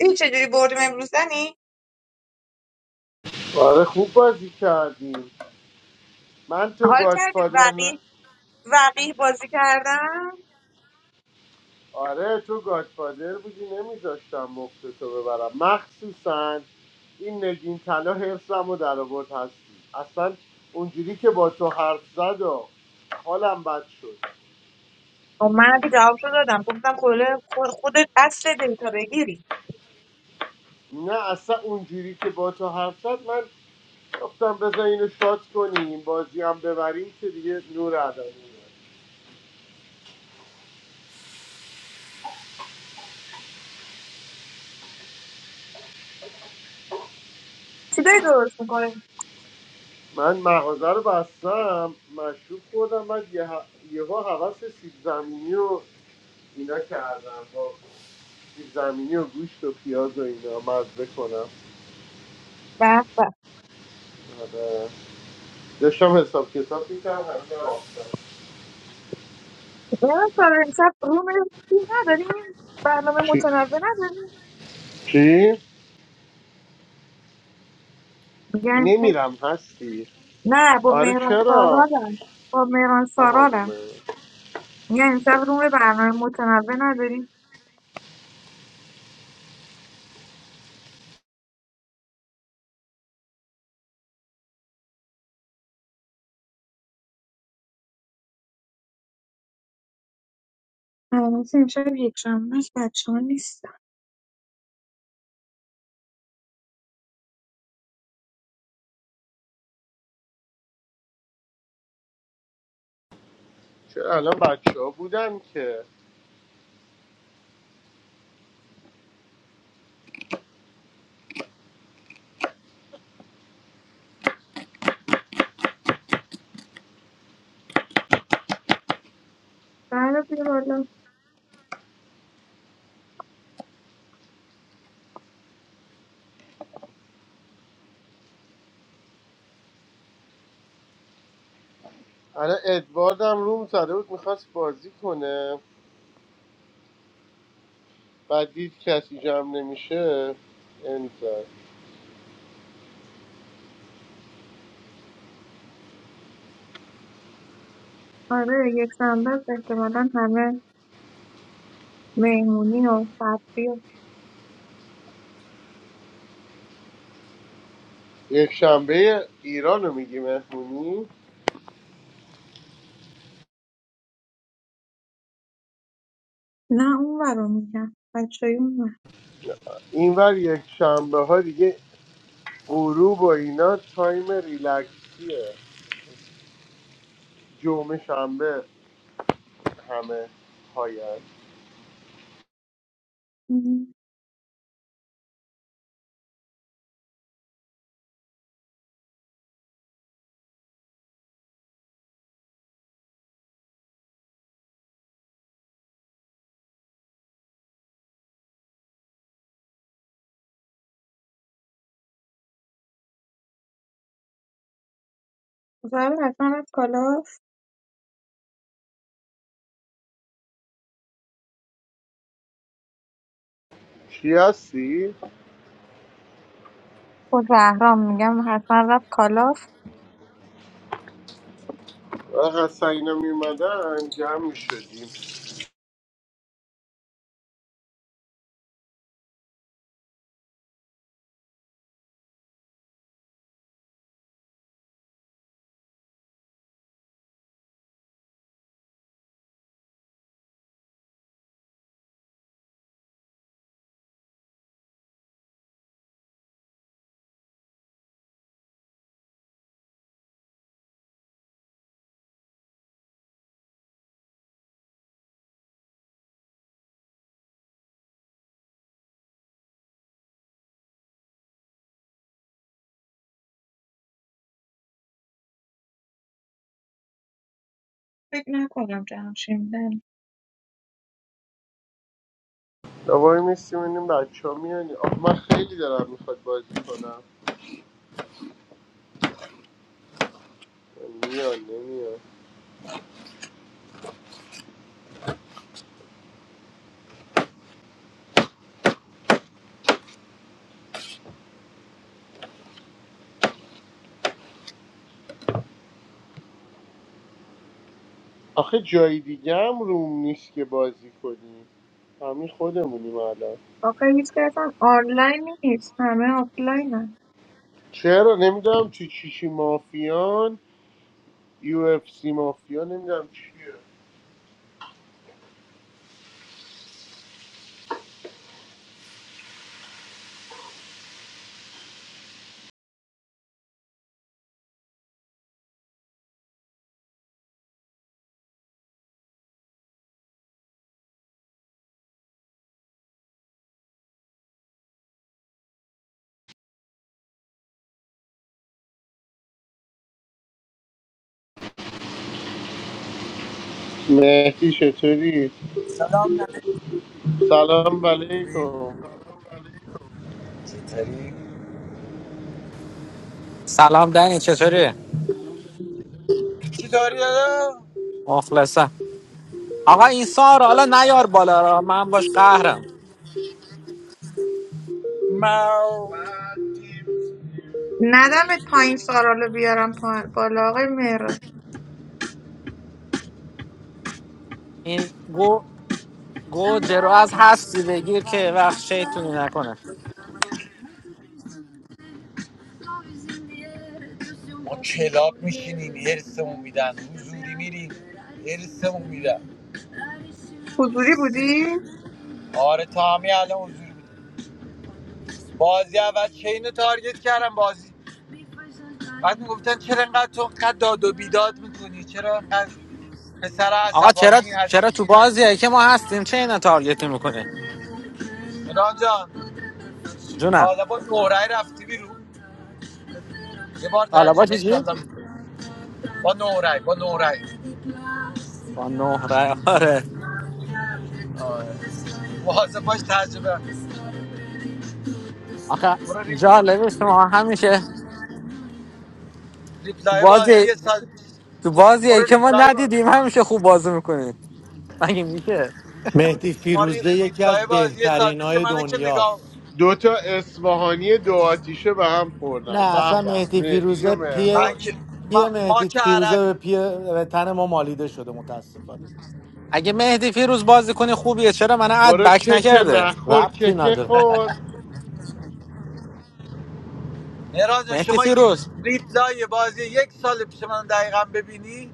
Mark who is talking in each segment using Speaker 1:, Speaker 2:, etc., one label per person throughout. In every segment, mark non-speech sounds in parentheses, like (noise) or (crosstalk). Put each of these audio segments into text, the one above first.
Speaker 1: این چجوری بردیم امروز زنی؟
Speaker 2: آره خوب بازی کردیم من تو
Speaker 1: حال کردی
Speaker 2: گادفادر ن...
Speaker 1: وقیح وقیح بازی کردم
Speaker 2: آره تو گادفادر بودی نمیذاشتم مفت تو ببرم مخصوصا این نگین طلا حفظم و در آورد هستی اصلا اونجوری که با تو حرف زد و حالم بد شد
Speaker 1: خب من که جواب شو دادم گفتم کله خود- خودت اصل دیتا بگیری
Speaker 2: نه اصلا اونجوری که با تو حرف زد من گفتم بذار اینو شات کنیم بازی هم ببریم که دیگه نور عدم
Speaker 1: چی داری درست میکنه
Speaker 2: من مغازه رو بستم مشروب خوردم بعد یه ه- یهو هوس سیب زمینی و اینا کردم با سیب زمینی و گوشت و پیاز و اینا مزه کنم
Speaker 1: به به
Speaker 2: آره. داشتم حساب کتاب میکردم همه
Speaker 1: نه سارا امشب روم چیز نداریم برنامه
Speaker 2: چی؟
Speaker 1: متنوع نداریم
Speaker 2: چی؟
Speaker 1: میگن امشب-
Speaker 2: نمیرم هستی
Speaker 1: نه با
Speaker 2: آره
Speaker 1: مهران
Speaker 2: چرا؟
Speaker 1: سارالم با مهران
Speaker 2: آها با
Speaker 1: سارالم میگن امشب روم برنامه متنوع نداریم البته امشب یک شنبه شما نیست.
Speaker 2: چرا الان بچه ها بودن که
Speaker 1: بله، بیا بالا
Speaker 2: الان ادوارد هم روم زده بود میخواست بازی کنه بعد دید کسی جمع نمیشه این زد.
Speaker 1: آره یکشنبه است احتمالا همه مهمونی و صفری و
Speaker 2: یک شنبه ایران رو میگی مهمونی
Speaker 1: نه اون رو میگم بچه اون ور.
Speaker 2: اینور یک شنبه ها دیگه غروب و اینا تایم ریلکسیه جمعه شنبه همه پایان
Speaker 1: مم. زهرا حتما رفت کالاف
Speaker 2: چی هستی؟
Speaker 1: با زهرام میگم حتما رفت کالاف
Speaker 2: آه، حسن اینا میمدن جمع میشدیم
Speaker 1: فکر نکنم جمشیم نه
Speaker 2: دوباره میستیم اینیم بچه ها میان آخه من خیلی دارم میخواد بازی کنم میان نمیان آخه جای دیگه هم روم نیست که بازی کنیم همین خودمونیم الان
Speaker 1: آخه هیچ که اصلا آنلاین نیست همه آفلاین هم
Speaker 2: چرا نمیدونم چی چیچی مافیان یو اف سی مافیا نمیدونم چیه مهدی چطوری
Speaker 3: سلام ننه
Speaker 2: سلام علیکم
Speaker 3: چطوری؟
Speaker 4: سلام دنی چطوری؟
Speaker 3: چی داری دادا؟
Speaker 4: مخلصم آقا این سارا حالا نیار بالا را
Speaker 3: چاکری
Speaker 4: من باش قهرم
Speaker 3: مو
Speaker 1: ندم پایین سارالو بیارم پا- بالا آقای مهران
Speaker 4: این گو گوجه رو از هستی بگیر که وقت شیطونی نکنه
Speaker 3: ما کلاب میشینیم هرسمون میدن حضوری میریم هرسمون میدن
Speaker 1: حضوری بودی؟
Speaker 3: آره تا همین الان حضور بود. بازی اول چین رو تارگت کردم بازی بعد میگفتن چرا انقدر تو انقدر داد و بیداد میکنی چرا انقدر پسر
Speaker 4: آقا چرا
Speaker 3: عصبانی
Speaker 4: چرا تو
Speaker 3: هستی
Speaker 4: بازیه که ما هستیم چه اینا تارگت میکنه
Speaker 3: ایران جان
Speaker 4: جونم
Speaker 3: حالا با نورای رفتی بیرون یه بار
Speaker 4: حالا با
Speaker 3: تجربه
Speaker 4: چی؟
Speaker 3: ایشالله میکنی با نورای با نورای
Speaker 4: با نه رای آره
Speaker 3: آه. واسه باش تجربه
Speaker 4: آقا
Speaker 3: برو ریپل-
Speaker 4: جالب است ما
Speaker 3: ریپ-
Speaker 4: همیشه تو
Speaker 3: ریپلای بازی
Speaker 4: بازی
Speaker 3: یه ساعت
Speaker 4: تو بازیه
Speaker 3: برو
Speaker 4: که ما
Speaker 3: ریپلای با...
Speaker 4: ندیدیم همیشه خوب بازی میکنی مگه میشه
Speaker 5: مهدی
Speaker 3: شما ری...
Speaker 5: فیروزه یکی
Speaker 3: ریپلای
Speaker 5: از
Speaker 3: بازی یه ساعت
Speaker 5: بهترین
Speaker 3: پیش
Speaker 5: های
Speaker 3: منه که نگاه
Speaker 5: دنیاست
Speaker 2: دو تا اصفهانی دو آتیشه به هم
Speaker 5: نه
Speaker 2: خوردن به
Speaker 5: اصلا
Speaker 2: به
Speaker 5: مهدی
Speaker 2: مهدی و
Speaker 5: فیروزه پی
Speaker 3: من
Speaker 2: مهران
Speaker 3: که
Speaker 5: پی
Speaker 3: ما, ما
Speaker 5: مهدی
Speaker 3: که
Speaker 5: فیروزه به
Speaker 3: عربی
Speaker 5: پی به تن ما مالیده شده متاسفانه
Speaker 4: اگه مهدی فیروز بازی کنه خوبیه چرا من اد
Speaker 2: برو
Speaker 4: بک
Speaker 2: کک
Speaker 4: نکرده
Speaker 2: نخور
Speaker 5: ربطی
Speaker 2: کک
Speaker 5: نداره
Speaker 2: خور
Speaker 3: مهران جان
Speaker 4: مهدی
Speaker 3: شما
Speaker 4: فیروز
Speaker 3: ریپلای بازی یک سال پیش من دقیقا ببینی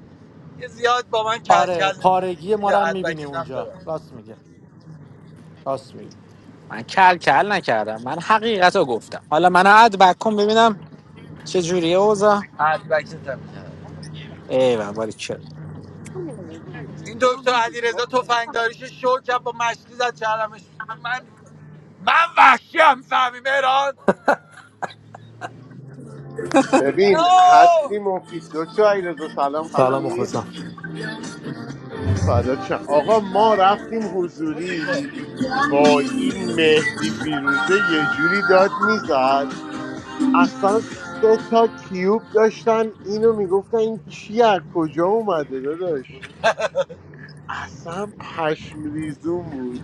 Speaker 3: یه زیاد با من
Speaker 5: آره
Speaker 3: کلکل نمیکنی
Speaker 5: پارگی ما رو
Speaker 3: بیا
Speaker 5: هم میبینی
Speaker 3: ادبکت هم
Speaker 5: اونجا
Speaker 3: ببر
Speaker 5: راست میگه راست میگه
Speaker 4: من کل کل نکردم من حقیقت رو گفتم حالا من عد بک کن ببینم چه جوریه اوضاع
Speaker 3: ادبکت هم کرد
Speaker 4: ای بابا چه
Speaker 3: این دکتر علیرضا تفنگداریش شو کرد با مشقی زد چرمش من من وحشی هم فهمی مهران
Speaker 2: ببین
Speaker 3: آه!
Speaker 2: هستی مفید دکتر علیرضا سلام
Speaker 5: سلام
Speaker 2: خوبی
Speaker 5: مخلصم
Speaker 2: فدات شم. آقا ما رفتیم
Speaker 3: موزیکو.
Speaker 2: حضوری وای این مهدی فیروزه یه جوری داد میزد اصلا سه تا کیوب داشتن اینو میگفتن این کی از کجا اومده داداش اصلا پشم ریزون بود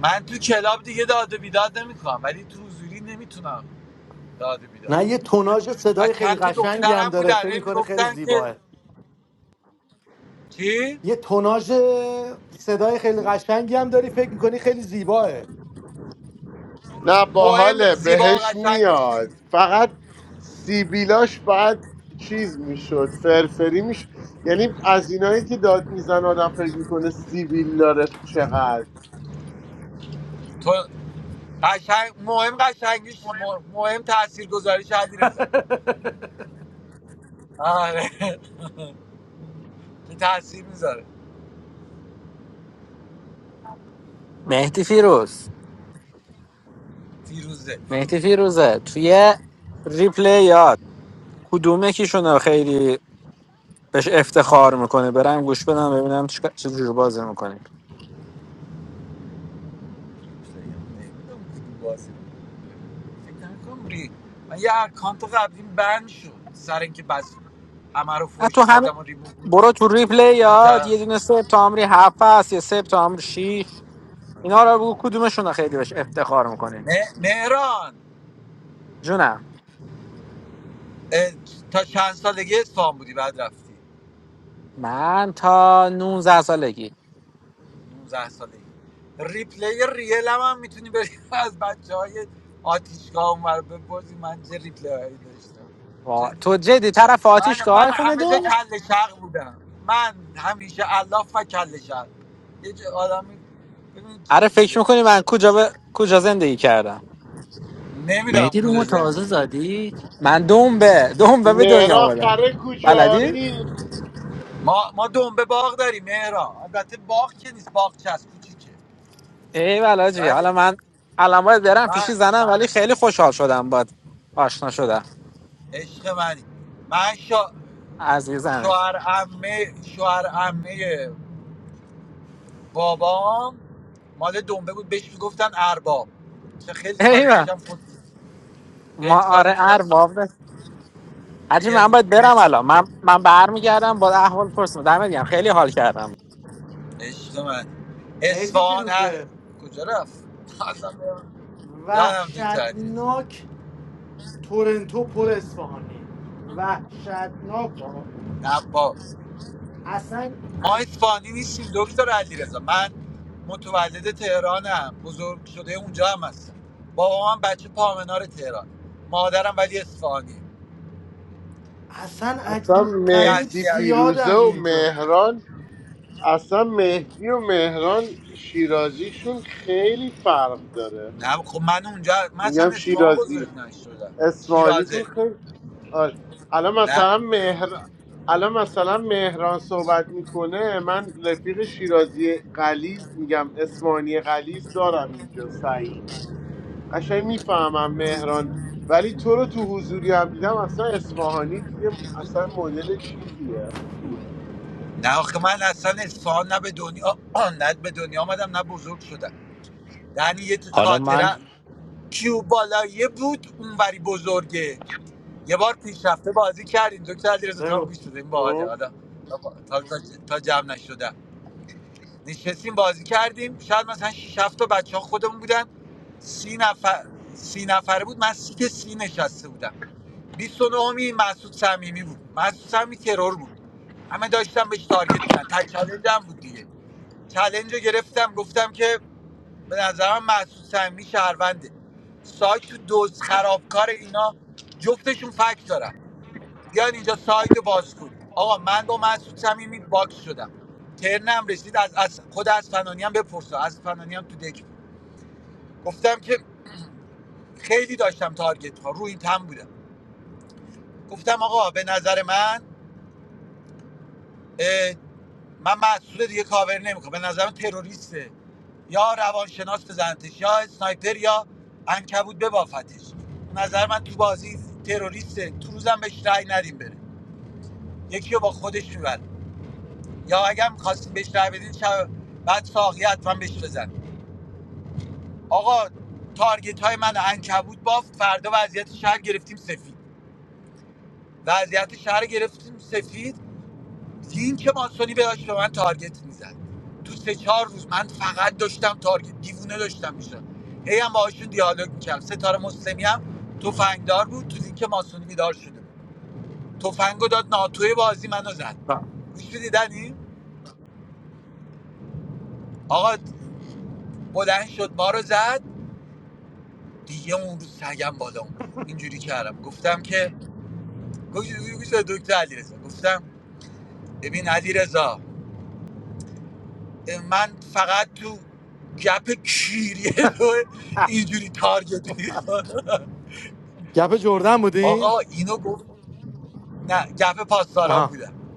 Speaker 3: من تو کلاب دیگه داد و بیداد نمیکنم ولی تو حضوری نمیتونم داد و بیداد
Speaker 5: نه یه توناژ
Speaker 3: و
Speaker 5: صدای خیلی
Speaker 3: چند تا
Speaker 5: قشنگی هم
Speaker 3: دخترم
Speaker 5: داره
Speaker 3: بودن
Speaker 5: فکر
Speaker 3: هی
Speaker 5: میکنه خیلی
Speaker 3: میگفتن که
Speaker 5: زیباه
Speaker 3: چی
Speaker 5: یه توناژ صدای خیلی قشنگی هم داری فکر میکنی خیلی زیباه
Speaker 2: نه
Speaker 3: مهم
Speaker 2: باحاله
Speaker 3: زیبا
Speaker 2: بهش
Speaker 3: قشنگیش
Speaker 2: میاد
Speaker 3: نیست
Speaker 2: فقط سیبیلاش باید چیز میشد فرفری میشد یعنی از اینایی که داد میزن آدم فکر میکنه سیبیل داره چقدر
Speaker 3: تو قشنگ مهم قشنگیش نیست مهم تاثیر گذاریش علی رضا آره که تاثیر میذاره
Speaker 4: مهدی فیروز
Speaker 3: فیروزه
Speaker 4: مهدی فیروزه توی ریپلیات کدوم یکیشون خیلی بهش افتخار میکنه برم گوش بدم ببینم چیکار- چه جوری بازی میکنه
Speaker 3: فیروزه نمیدونم کدوم بازی بود. فکر نکنم ری من یه اکانت قبلیم بند شد سر اینکه بس همه رو
Speaker 4: تو
Speaker 3: فوش
Speaker 4: هم
Speaker 3: دادم و ریموو
Speaker 4: برو تو ریپلیات یه
Speaker 3: میکرد
Speaker 4: دونه سپتامبری هفت هست یا سپتامبر شیش اینا رو بگو کدومشون خیلی بهش افتخار میکنه
Speaker 3: مهران
Speaker 4: جونم
Speaker 3: اه، تا چند سالگی اصفهان بودی بعد رفتی
Speaker 4: من تا 19 سالگی
Speaker 3: 19 سالگی ریپلی ریل هم, میتونی بری (laughs) از بچه های آتیشگاه اونور بپرسی من چه ریپلی هایی داشتم
Speaker 4: وا- تو جدی طرف
Speaker 3: من من
Speaker 4: آتیشگاه خونه
Speaker 3: همه جا
Speaker 4: دو
Speaker 3: کل شق بودم من همیشه الاف و کل شق یه جا آدمی ببین چی
Speaker 4: آره
Speaker 3: تو
Speaker 4: فکر
Speaker 3: ذهن
Speaker 4: میکنی من کجا به... کجا زندگی کردم
Speaker 3: نمیدونم
Speaker 6: مهدی رو
Speaker 3: کجا
Speaker 6: ما تازه
Speaker 3: زندگی
Speaker 6: زدی
Speaker 4: من دنبه دنبه به دنیا
Speaker 2: مهرا
Speaker 4: آمدم
Speaker 2: خره
Speaker 4: بلدی
Speaker 2: کجایی
Speaker 3: ما ما دنبه باغ داریم مهران البته باغ که نیست باغ چسب کوچیکه
Speaker 4: ای بلاجی
Speaker 3: ولی
Speaker 4: حالا من الان باید برم پیشی
Speaker 3: من
Speaker 4: زنم ولی خیلی خوشحال شدم باد آشنا شدم
Speaker 3: عشق منی من شا...
Speaker 4: عزیزمه
Speaker 3: شوهر عمه شوهر عمه بابام مال دنبه بود بهش میگفتن ارباب چه خیلی
Speaker 4: ای
Speaker 3: سال
Speaker 4: بابا.
Speaker 3: پیشم خود
Speaker 4: ما
Speaker 3: خیلی سال
Speaker 4: آره
Speaker 3: پیشم
Speaker 4: ارباب
Speaker 3: خود-
Speaker 4: ده. حاجی
Speaker 3: اگه
Speaker 4: من باید
Speaker 3: بهش
Speaker 4: برم الان من من برمیگردم با احوال پرسم دمت گرم. خیلی حال کردم
Speaker 3: عشق من
Speaker 5: مهدی
Speaker 3: اصفهان ه...
Speaker 5: فیروزه
Speaker 3: کجا رفت اصلا برم. جانم دکتر علیرضا
Speaker 5: وحشتناک تورنتو پر اصفهانیه وحشتناک ها.
Speaker 3: نه با
Speaker 5: اصلا
Speaker 3: ما
Speaker 5: عج...
Speaker 3: اصفهانی نیستیم دکتر علیرضا من متولد تهرانم بزرگ شده اونجا هم هستم بابا من بچه پامنار تهران مادرم ولی اصفهانی
Speaker 5: اصلا
Speaker 2: اصلا
Speaker 5: عجیب
Speaker 3: ولی
Speaker 5: قریب
Speaker 2: مهدی
Speaker 3: اصلی
Speaker 2: فیروزه
Speaker 5: زیادن
Speaker 2: و
Speaker 5: اینجا
Speaker 2: مهران اصلا مهدی و مهران شیرازیشون خیلی فرق داره
Speaker 3: نه خب من اونجا من اصلا
Speaker 2: میگم
Speaker 3: اصفهان
Speaker 2: شیرازی
Speaker 3: بزرگ نشدم
Speaker 2: اسمانیتون
Speaker 3: شیرازه
Speaker 2: خیلی آره. الان
Speaker 3: نه
Speaker 2: مثلا مهر الان مثلا مهران صحبت میکنه من رفیق شیرازی قلیز میگم اسمانی قلیز دارم اینجا سعید قشنگ میفهمم مهران ولی تو رو تو حضوری هم دیدم اصلا اسفاهانی یه اصلا مدل چیزیه
Speaker 3: نه آخه من اصلا اصفهان نه به دنیا (clears throat) آه، نه به دنیا آمدم نه بزرگ شدم یعنی یه
Speaker 6: حالا من
Speaker 3: خاطره کیو بالاییه بود اونوری بزرگه یه بار پیشرفته بازی کردیم دکتر علیرضا تا هم
Speaker 5: بگو
Speaker 3: گوش بده این باحاله
Speaker 2: آه.
Speaker 3: حالا تا, تا, تا جمع نشدم نشستیم بازی کردیم شاید مثلا 6 7 تا بچه ها خودمون بودن سی نفر سی نفره بود من سیت سی نشسته بودم 29 می مسعود صمیمی بود مسعود صمیمی ترور بود همه داشتم بهش تارگت میزن تا چالنج بود دیگه چالنج رو گرفتم گفتم که به نظرم مسعود صمیمی شهرونده سایت تو دوز خرابکار اینا جفتشون فکس دارم بیاین اینجا سایت رو باز کن آقا من با مسعود صمیمی باکس شدم ترنم رسید از, از خود از فنانی هم بپرسا از فنانی هم تو دک بود. گفتم که خیلی داشتم تارگت ها رو این تم بودم گفتم آقا به نظر من اه، من محسود رو دیگه کاور نمیکنم به نظرم تروریسته یا روانشناس بزنتش یا سنایپر یا انکبود ببافتش به نظر من تو بازی تروریسته تو روزم بهش رأی ندیم بره یکی رو با خودش میبره یا اگر خواستید بهش رأی بدین شب بعد ساقیه حتما بهش بزن آقا تارگت های من انکبود بافت فردا وضعیت شهر گرفتیم سفید وضعیت شهر گرفتیم سفید لینک ماسونی بهش به من تارگت میزد تو سه چهار روز من فقط داشتم تارگت دیوونه داشتم میشدم هی هم باهاشون دیالوگ میکردم ستاره مسلمی هم تفنگدار بود تو لینک ماسونی بیدار شده بود تفنگو داد ناتوی بازی منو زد
Speaker 5: ب-
Speaker 3: گوش دیدنی آقا بلند شد ما رو زد دیگه اون روز سگم بالا اومد اینجوری کردم گفتم که گوش گوش- گوش دکتر علیرضا گفتم ببین علیرضا من فقط تو گپ کیریه (laughs) تو
Speaker 5: اه.
Speaker 3: اینجوری تارگت می‌کنم.
Speaker 5: گپ جردن بودین
Speaker 3: آقا اینو گفت نه گپ پاسداران
Speaker 5: آها
Speaker 3: بودم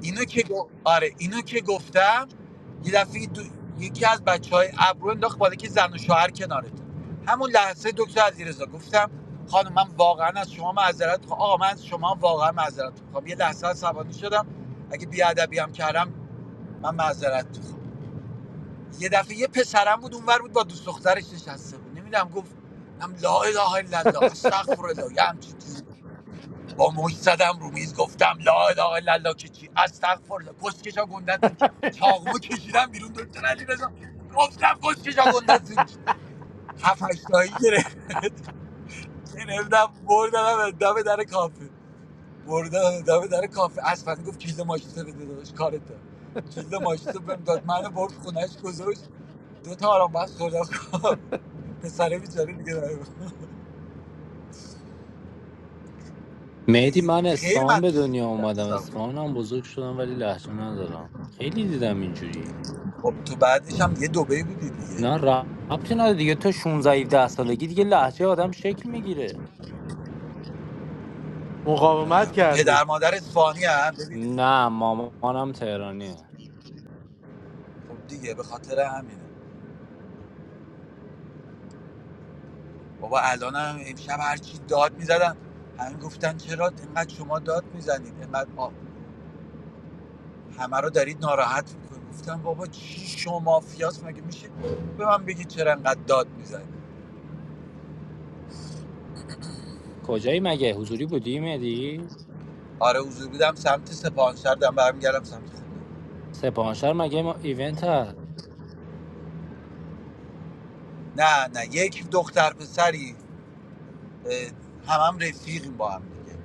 Speaker 3: اینو که گف- آره اینو که گفتم یه دفعه دو... یکی از بچهای های ابرو انداخت بالا که زن و شوهر کنارت همون لحظه دکتر علیرضا گفتم خانم من واقعا از شما معذرت میخوام آقا من از شما واقعا معذرت میخوام یه لحظه عصبانی شدم اگه بیادبی هم کردم من معذرت میخوام یه دفعه یه پسرم بود اونور بود با دوست دخترش نشسته بود نمیدونم گفت هم لا اله الا الله استغفر الله یه همچین چیزی با مش زدم رو میز گفتم لا اله الا الله که چی استغفر الله کشکشا گندتون کی؟ چاقمو کشیدم بیرون دکتر علی رضا گفتم کشکشا گندتون کی؟ هفت هشتایی گرفت- (laughs) گرفتم بردم دم در کافه بردم دم در کافه اصلا گفت کلید ماشین بده داداش کارته کلید ماشین بهم داد منو برد خونهش گذاشت دو تا آرام بخش خوردم (laughs) خواب پسره بیچاره دیگه نبود.
Speaker 6: مهدی
Speaker 3: خیلی
Speaker 6: من
Speaker 3: خیلی من
Speaker 6: اصفهان به
Speaker 3: تو
Speaker 6: دنیا اومدم
Speaker 3: دستم.
Speaker 6: اصفهان هم بزرگ شدم ولی لهجه ندارم خیلی دیدم اینجوری
Speaker 3: خب تو بعدش هم یه دبی بودی دیگه
Speaker 6: نه ربطی نداره دیگه تا 16 17 سالگی دیگه لهجه آدم شکل میگیره
Speaker 5: مقاومت
Speaker 3: نمی‌دونم. پدر
Speaker 5: کردی
Speaker 3: مادر اسپانی هم ببین
Speaker 6: نه مامانم تهرانیه
Speaker 3: خب دیگه به خاطر همینه بابا الان هم امشب هرچی داد میزدن همین گفتن چرا اینقدر شما داد میزنید اینقدر آ- همه رو دارید ناراحت میکنید گفتم بابا چی شما مافیاست مگه میشه به من بگید چرا انقدر داد میزنید
Speaker 6: کجایی مگه حضوری بودی مهدی
Speaker 3: آره حضور بودم سمت سپاهانشهر دارم برمیگردم سمت خونه
Speaker 6: سپاهانشهر مگه ما ایونت هست
Speaker 3: نه نه یک دختر پسری همم هم هم رفیقیم با هم دیگه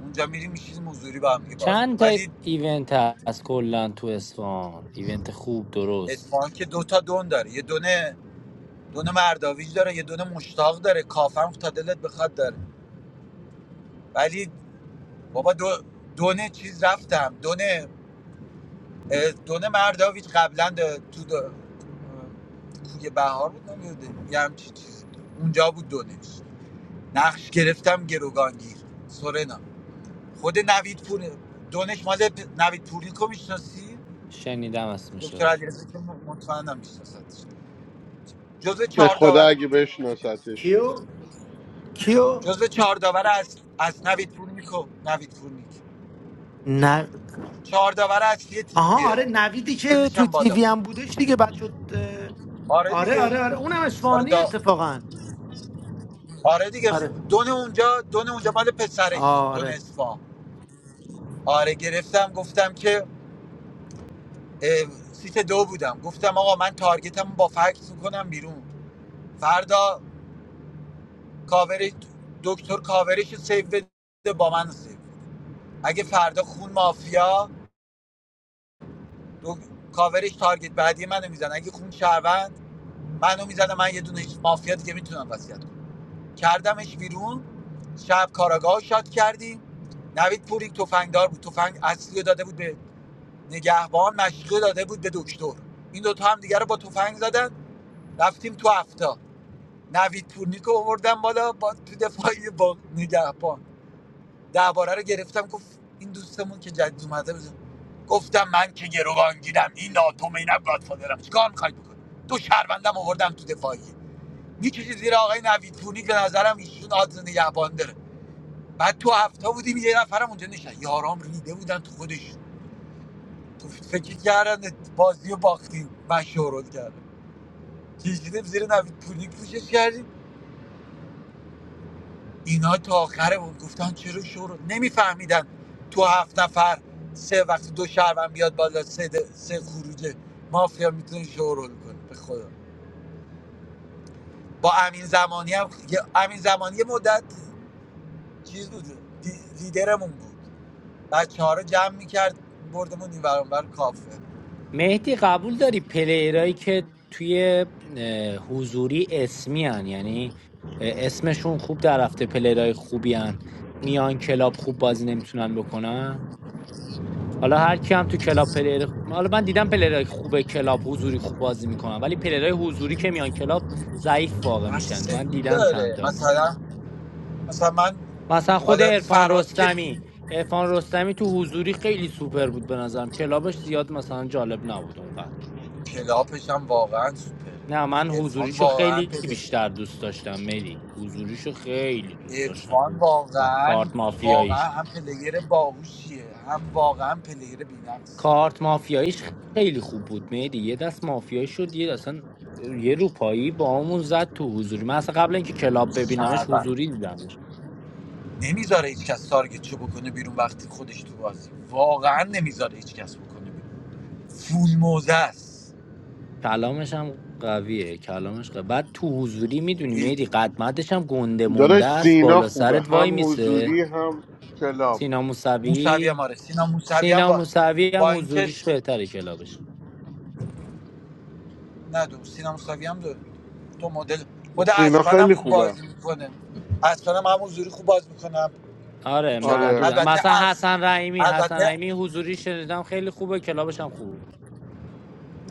Speaker 3: اونجا میریم میشینیم حضوری با هم دیگه باز
Speaker 6: چند
Speaker 3: می‌کنیم.
Speaker 6: تا
Speaker 3: ولی
Speaker 6: ایونت هست کلا تو اصفهان ایونت خوب درست
Speaker 3: اصفهان که دوتا دون داره یه دونه دونه مرداویج داره یه دونه مشتاق داره کافم تا دلت بخواد داره ولی بابا دو دونه چیز رفتم دونه دونه مرداویچ قبلا ده- تو ده- اه، کوی بهار بود نمیده یه همچین چیزی بود. اونجا بود دونش نقش گرفتم گروگانگیر سورنا خود نوید پور دونش مال پ- نوید پوری کو میشناسی
Speaker 6: شنیدم
Speaker 3: دکتر
Speaker 6: اسمشو
Speaker 3: علیرضا که م- مطمئنم میشناستش جزء
Speaker 2: به
Speaker 3: چهار
Speaker 2: خدا
Speaker 3: داور
Speaker 2: اگه بشناستش
Speaker 5: کیو کیو
Speaker 3: جزء چهار داور از از نوید پورنیکو نوید پورنیک
Speaker 5: نه
Speaker 3: چهار داور اصلی
Speaker 5: آها
Speaker 3: تیمیه
Speaker 5: آره نویدی که
Speaker 3: سنش
Speaker 5: تو
Speaker 3: هم بالا
Speaker 5: تیوی هم بودش دیگه بعد شد اه،
Speaker 3: آره
Speaker 5: آره
Speaker 3: دیگه
Speaker 5: آره آره اونم
Speaker 3: آره
Speaker 5: اصفهانی
Speaker 3: دا
Speaker 5: اتفاقا
Speaker 3: آره دیگه خ-
Speaker 5: آره
Speaker 3: دون اونجا دون اونجا مال پسرشه دون
Speaker 5: آره
Speaker 3: اصفهان آره گرفتم گفتم که اه، سیت دو بودم گفتم آقا من تارگتم با فکس میکنم بیرون فردا کاوری دکتر کاورش رو سیو بده با من سیو بده. اگه فردا خون مافیا دو... کاورش تارگت بعدی منو میزنه اگه خون شهروند منو میزنه من یه دونه مافیا دیگه میتونم وصیت کنم کردمش بیرون شب کاراگاه شاد کردیم نوید پوری تفنگدار بود تفنگ اصلی رو داده بود به نگهبان مشقه داده بود به دکتر این دوتا هم دیگه رو با تفنگ زدن رفتیم تو هفتا نوید پورنیک رو آوردم بالا با تو دفاعی با نگهبان درباره رو گرفتم گفت این دوستمون که جدید اومده بود گفتم من که گروگانگیرم این ناتوم اینم گادفادرم چیکار میخواید بکنید دو شهروندم آوردم تو دفاعی میکشید زیر آقای نوید پورنیک به نظرم ایشون آدز نگهبان داره بعد تو هفته بودیم یه نفرم اونجا نشد یارام ریده بودن تو خودش فکر کردن بازی رو باختیم من شورت کردم کشیدیم زیر نوید پولی پوشش کردیم اینا تا آخره بود گفتن چرا شورت نمیفهمیدن تو هفت نفر سه وقتی دو شهروند بیاد بالا سه, د- سه خروجه مافیا میتونه شورت کنه به خدا با امین زمانی هم یه- امین زمانی یه مدت چیز بود دی- لیدرمون بود بچه ها رو جمع میکرد بردمون این برانبر کافه
Speaker 6: مهدی قبول داری پلیرایی که توی اه، حضوری اسمی هن. یعنی اه، اسمشون خوب در رفته پلیرای خوبی هن. میان کلاب خوب بازی نمیتونن بکنن حالا هر کی هم تو کلاب پلیر خ- حالا من دیدم پلیرای خوب کلاب حضوری خوب بازی میکنن ولی پلیرای حضوری که میان کلاب ضعیف واقع
Speaker 3: بس
Speaker 6: میشن من
Speaker 3: سفید
Speaker 6: دیدم چند
Speaker 3: داره
Speaker 6: تا
Speaker 3: مثلا مثلا من
Speaker 6: مثلا خود
Speaker 3: عادت
Speaker 6: عرفان
Speaker 3: فراز که
Speaker 6: رستمی
Speaker 3: تیم
Speaker 6: عرفان رستمی تو حضوری خیلی سوپر بود به نظرم کلابش زیاد مثلا جالب نبود اونقدر
Speaker 3: کلاپش هم واقعا سوپر
Speaker 6: نه من
Speaker 3: عرفان
Speaker 6: حضوریشو
Speaker 3: واقعا
Speaker 6: خیلی
Speaker 3: پله
Speaker 6: بیشتر دوست داشتم ملی حضوریشو خیلی دوست
Speaker 3: عرفان
Speaker 6: داشتم آه،
Speaker 3: واقعا
Speaker 6: کارت
Speaker 3: واقعا
Speaker 6: مافیاییش
Speaker 3: هم پلیر باهوشیه هم واقعا پلیر بی‌نقص
Speaker 6: کارت مافیاییش خیلی خوب بود مهدی یه دست مافیایی شد یه دست اصلا یه روپایی با همون زد تو حضوری من اصلا قبل اینکه کلاب ببینمش
Speaker 3: شهروند
Speaker 6: حضوری دیدمش
Speaker 3: نمیذاره هیچ کس تارگتشو بکنه بیرون وقتی خودش تو بازی واقعا نمیذاره هیچ کس بکنه بیرون فول موزه است
Speaker 6: کلامش هم قویه کلامش قویه. بعد تو حضوری میدونی مهدی
Speaker 3: خیلی.
Speaker 6: قدمتش هم گنده مونده
Speaker 2: داداش
Speaker 6: است
Speaker 2: سینا
Speaker 6: بالا
Speaker 2: خوبه
Speaker 6: سرت وای
Speaker 2: هم
Speaker 6: میسه
Speaker 2: حضوری هم کلاب
Speaker 6: سینا
Speaker 3: موسوی
Speaker 6: موسوی
Speaker 3: هم آره سینا موسوی هم
Speaker 6: سینا
Speaker 3: با
Speaker 6: موسوی هم
Speaker 3: با اینکه
Speaker 6: حضوریش بهتره کلابش
Speaker 3: نه دو سینما موسوی هم داره دو مدل خود
Speaker 2: سینا
Speaker 3: اسپن
Speaker 2: خیلی
Speaker 3: خوب
Speaker 2: خوبه
Speaker 3: بازی میکنه اسپن هم همون زوری خوب بازی میکنه تو
Speaker 6: آره
Speaker 3: کلاب
Speaker 2: آره
Speaker 6: معدودم
Speaker 3: البته
Speaker 6: مثلا
Speaker 3: اس
Speaker 6: حسن رحیمی حسن
Speaker 3: البته
Speaker 6: رحیمی حضوری شنیدم خیلی خوبه کلابش هم خوبه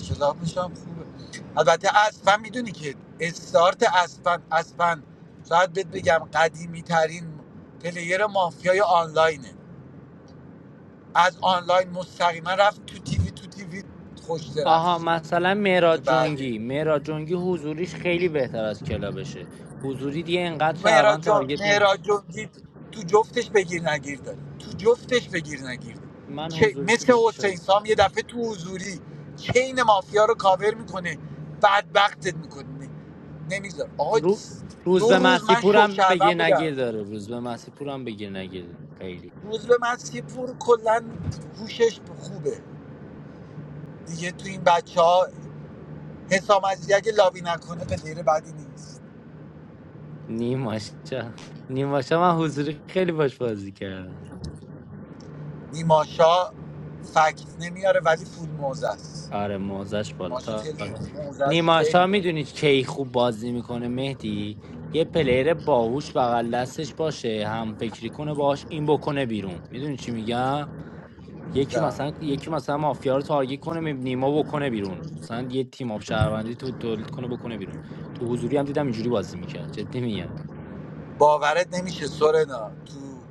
Speaker 3: کلابش هم خوبه البته اسپن میدونی که استارت اسپن اسپن شاید بهت بگم قدیمی ترین پلیر مافیای آنلاینه از آنلاین مستقیما رفت تو تیوی تو تیوی خوش
Speaker 6: آها
Speaker 3: درخشید
Speaker 6: مثلا
Speaker 3: که
Speaker 6: مهراد
Speaker 3: بعد
Speaker 6: جنگی مهراد جنگی حضوریش خیلی بهتر از کلابشه حضوری دیگه انقدر
Speaker 3: مهراد
Speaker 6: شهروند
Speaker 3: جان
Speaker 6: تارگت نمی
Speaker 3: مهراد جنگی تو جفتش بگیر نگیرده تو جفتش بگیر نگیرده
Speaker 6: من
Speaker 3: چه
Speaker 6: حضوریشو
Speaker 3: مثل
Speaker 6: بیشتر
Speaker 3: حسین
Speaker 6: از-
Speaker 3: سام یه دفعه تو حضوری چین مافیا رو کاور میکنه بدبختت میکنه نمیذار آقا
Speaker 6: رو... روز
Speaker 3: دو
Speaker 6: به
Speaker 3: روز من
Speaker 6: مسیپورم
Speaker 3: شوشروم
Speaker 6: بگیر
Speaker 3: بودم
Speaker 6: نگیر داره روز به مسیپورم بگیر نگیر خیلی
Speaker 3: روز به من سیپور کلا هوشش خوبه دیگه تو این بچه ها حسام عزیزی اگه لابی نکنه پلیر بدی نیست
Speaker 6: نیماشا نیماشا من حضوری خیلی باش بازی کردم
Speaker 3: نیماشا فکت نمیاره ولی فول موزه است
Speaker 6: آره موزش
Speaker 3: ماشین
Speaker 6: بالاتر
Speaker 3: خیلی موزش
Speaker 6: نیما شاه
Speaker 3: خیلی
Speaker 6: میدونی کی خوب بازی میکنه مهدی یه پلیر باهوش بغل دستش باشه هم فکری کنه باش این بکنه بیرون میدونی چی میگم یکی
Speaker 3: نه
Speaker 6: مثلا یکی مثلا مافیا رو تارگت کنه می- نیما بکنه بیرون مثلا یه تیم آب شهروندی تو تولید کنه بکنه بیرون تو حضوری هم دیدم اینجوری بازی میکرد جدی میگم
Speaker 3: باورت نمیشه سورنا تو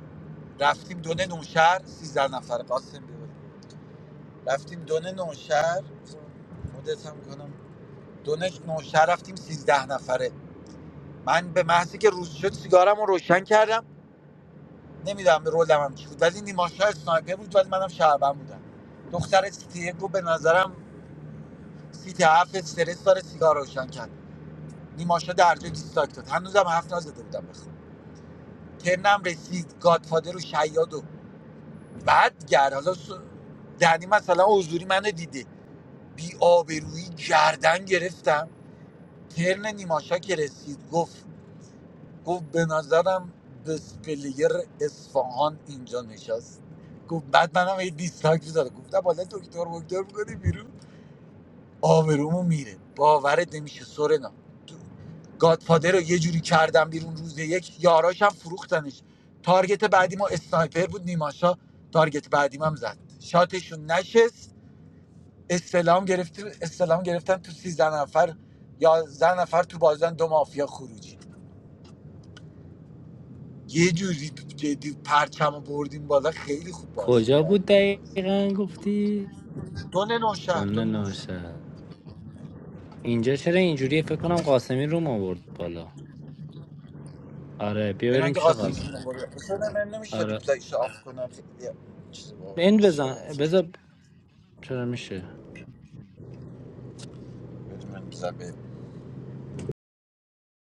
Speaker 3: رفتیم دونه نوشهر سیزده نفر قاسم بود رفتیم دونه نوشهر مدت هم کنم دونه نوشهر رفتیم سیزده نفره من به محضی که روز شد سیگارم رو روشن کردم نمیدونم رولم هم چی بود ولی نیماشا اسنایپر بود ولی منم شهربن بودم دختر سیتی یک رو به نظرم سیتی هفت استرس داره سیگار روشن کرد نیماشا درجا دیستاک داد هنوزم هفت نزده بودم بخوام. ترنم رسید گادفادر و شیاد و بعد گر حالا س- دنی مثلا حضوری منو دیده بی آبرویی گردن گرفتم ترن نیماشا که رسید گفت گفت به نظرم بسپلیر اصفهان اینجا نشست گفت بعد منم یه دیسلایک داده گفتم حالا دکتر مکتر می‌کنی بیرون آبرومو میره باورت نمیشه سورنا گادفادر رو یه جوری کردم بیرون روز یک یاراش هم فروختنش تارگت بعدی ما اسنایپر بود نیماشا تارگت بعدیم هم زد شاتشون نشست استلام گرفت استلام گرفتن تو سیزده نفر یا زن نفر تو بازن دو مافیا خروجی یه جوری جدی پرچم رو بردیم بالا خیلی خوب بازی
Speaker 6: کجا بود
Speaker 3: کردیم بازی
Speaker 6: دقیقا گفتی
Speaker 3: دون
Speaker 6: نه
Speaker 3: نوشهر دون نوشهر.
Speaker 6: ناشه اینجا چرا اینجوری فکر کنم قاسمی رو آورد بالا آره بیا
Speaker 3: اینا
Speaker 6: بریم
Speaker 3: که
Speaker 6: پیش
Speaker 3: آسیب
Speaker 6: قاسم
Speaker 3: میخوره مثلا من نمیشه
Speaker 6: آره
Speaker 3: ریپلایش آف کنم خیلی چیز با
Speaker 6: این
Speaker 3: نمیشه
Speaker 6: بزن بذار چرا میشه
Speaker 3: بدون من زبه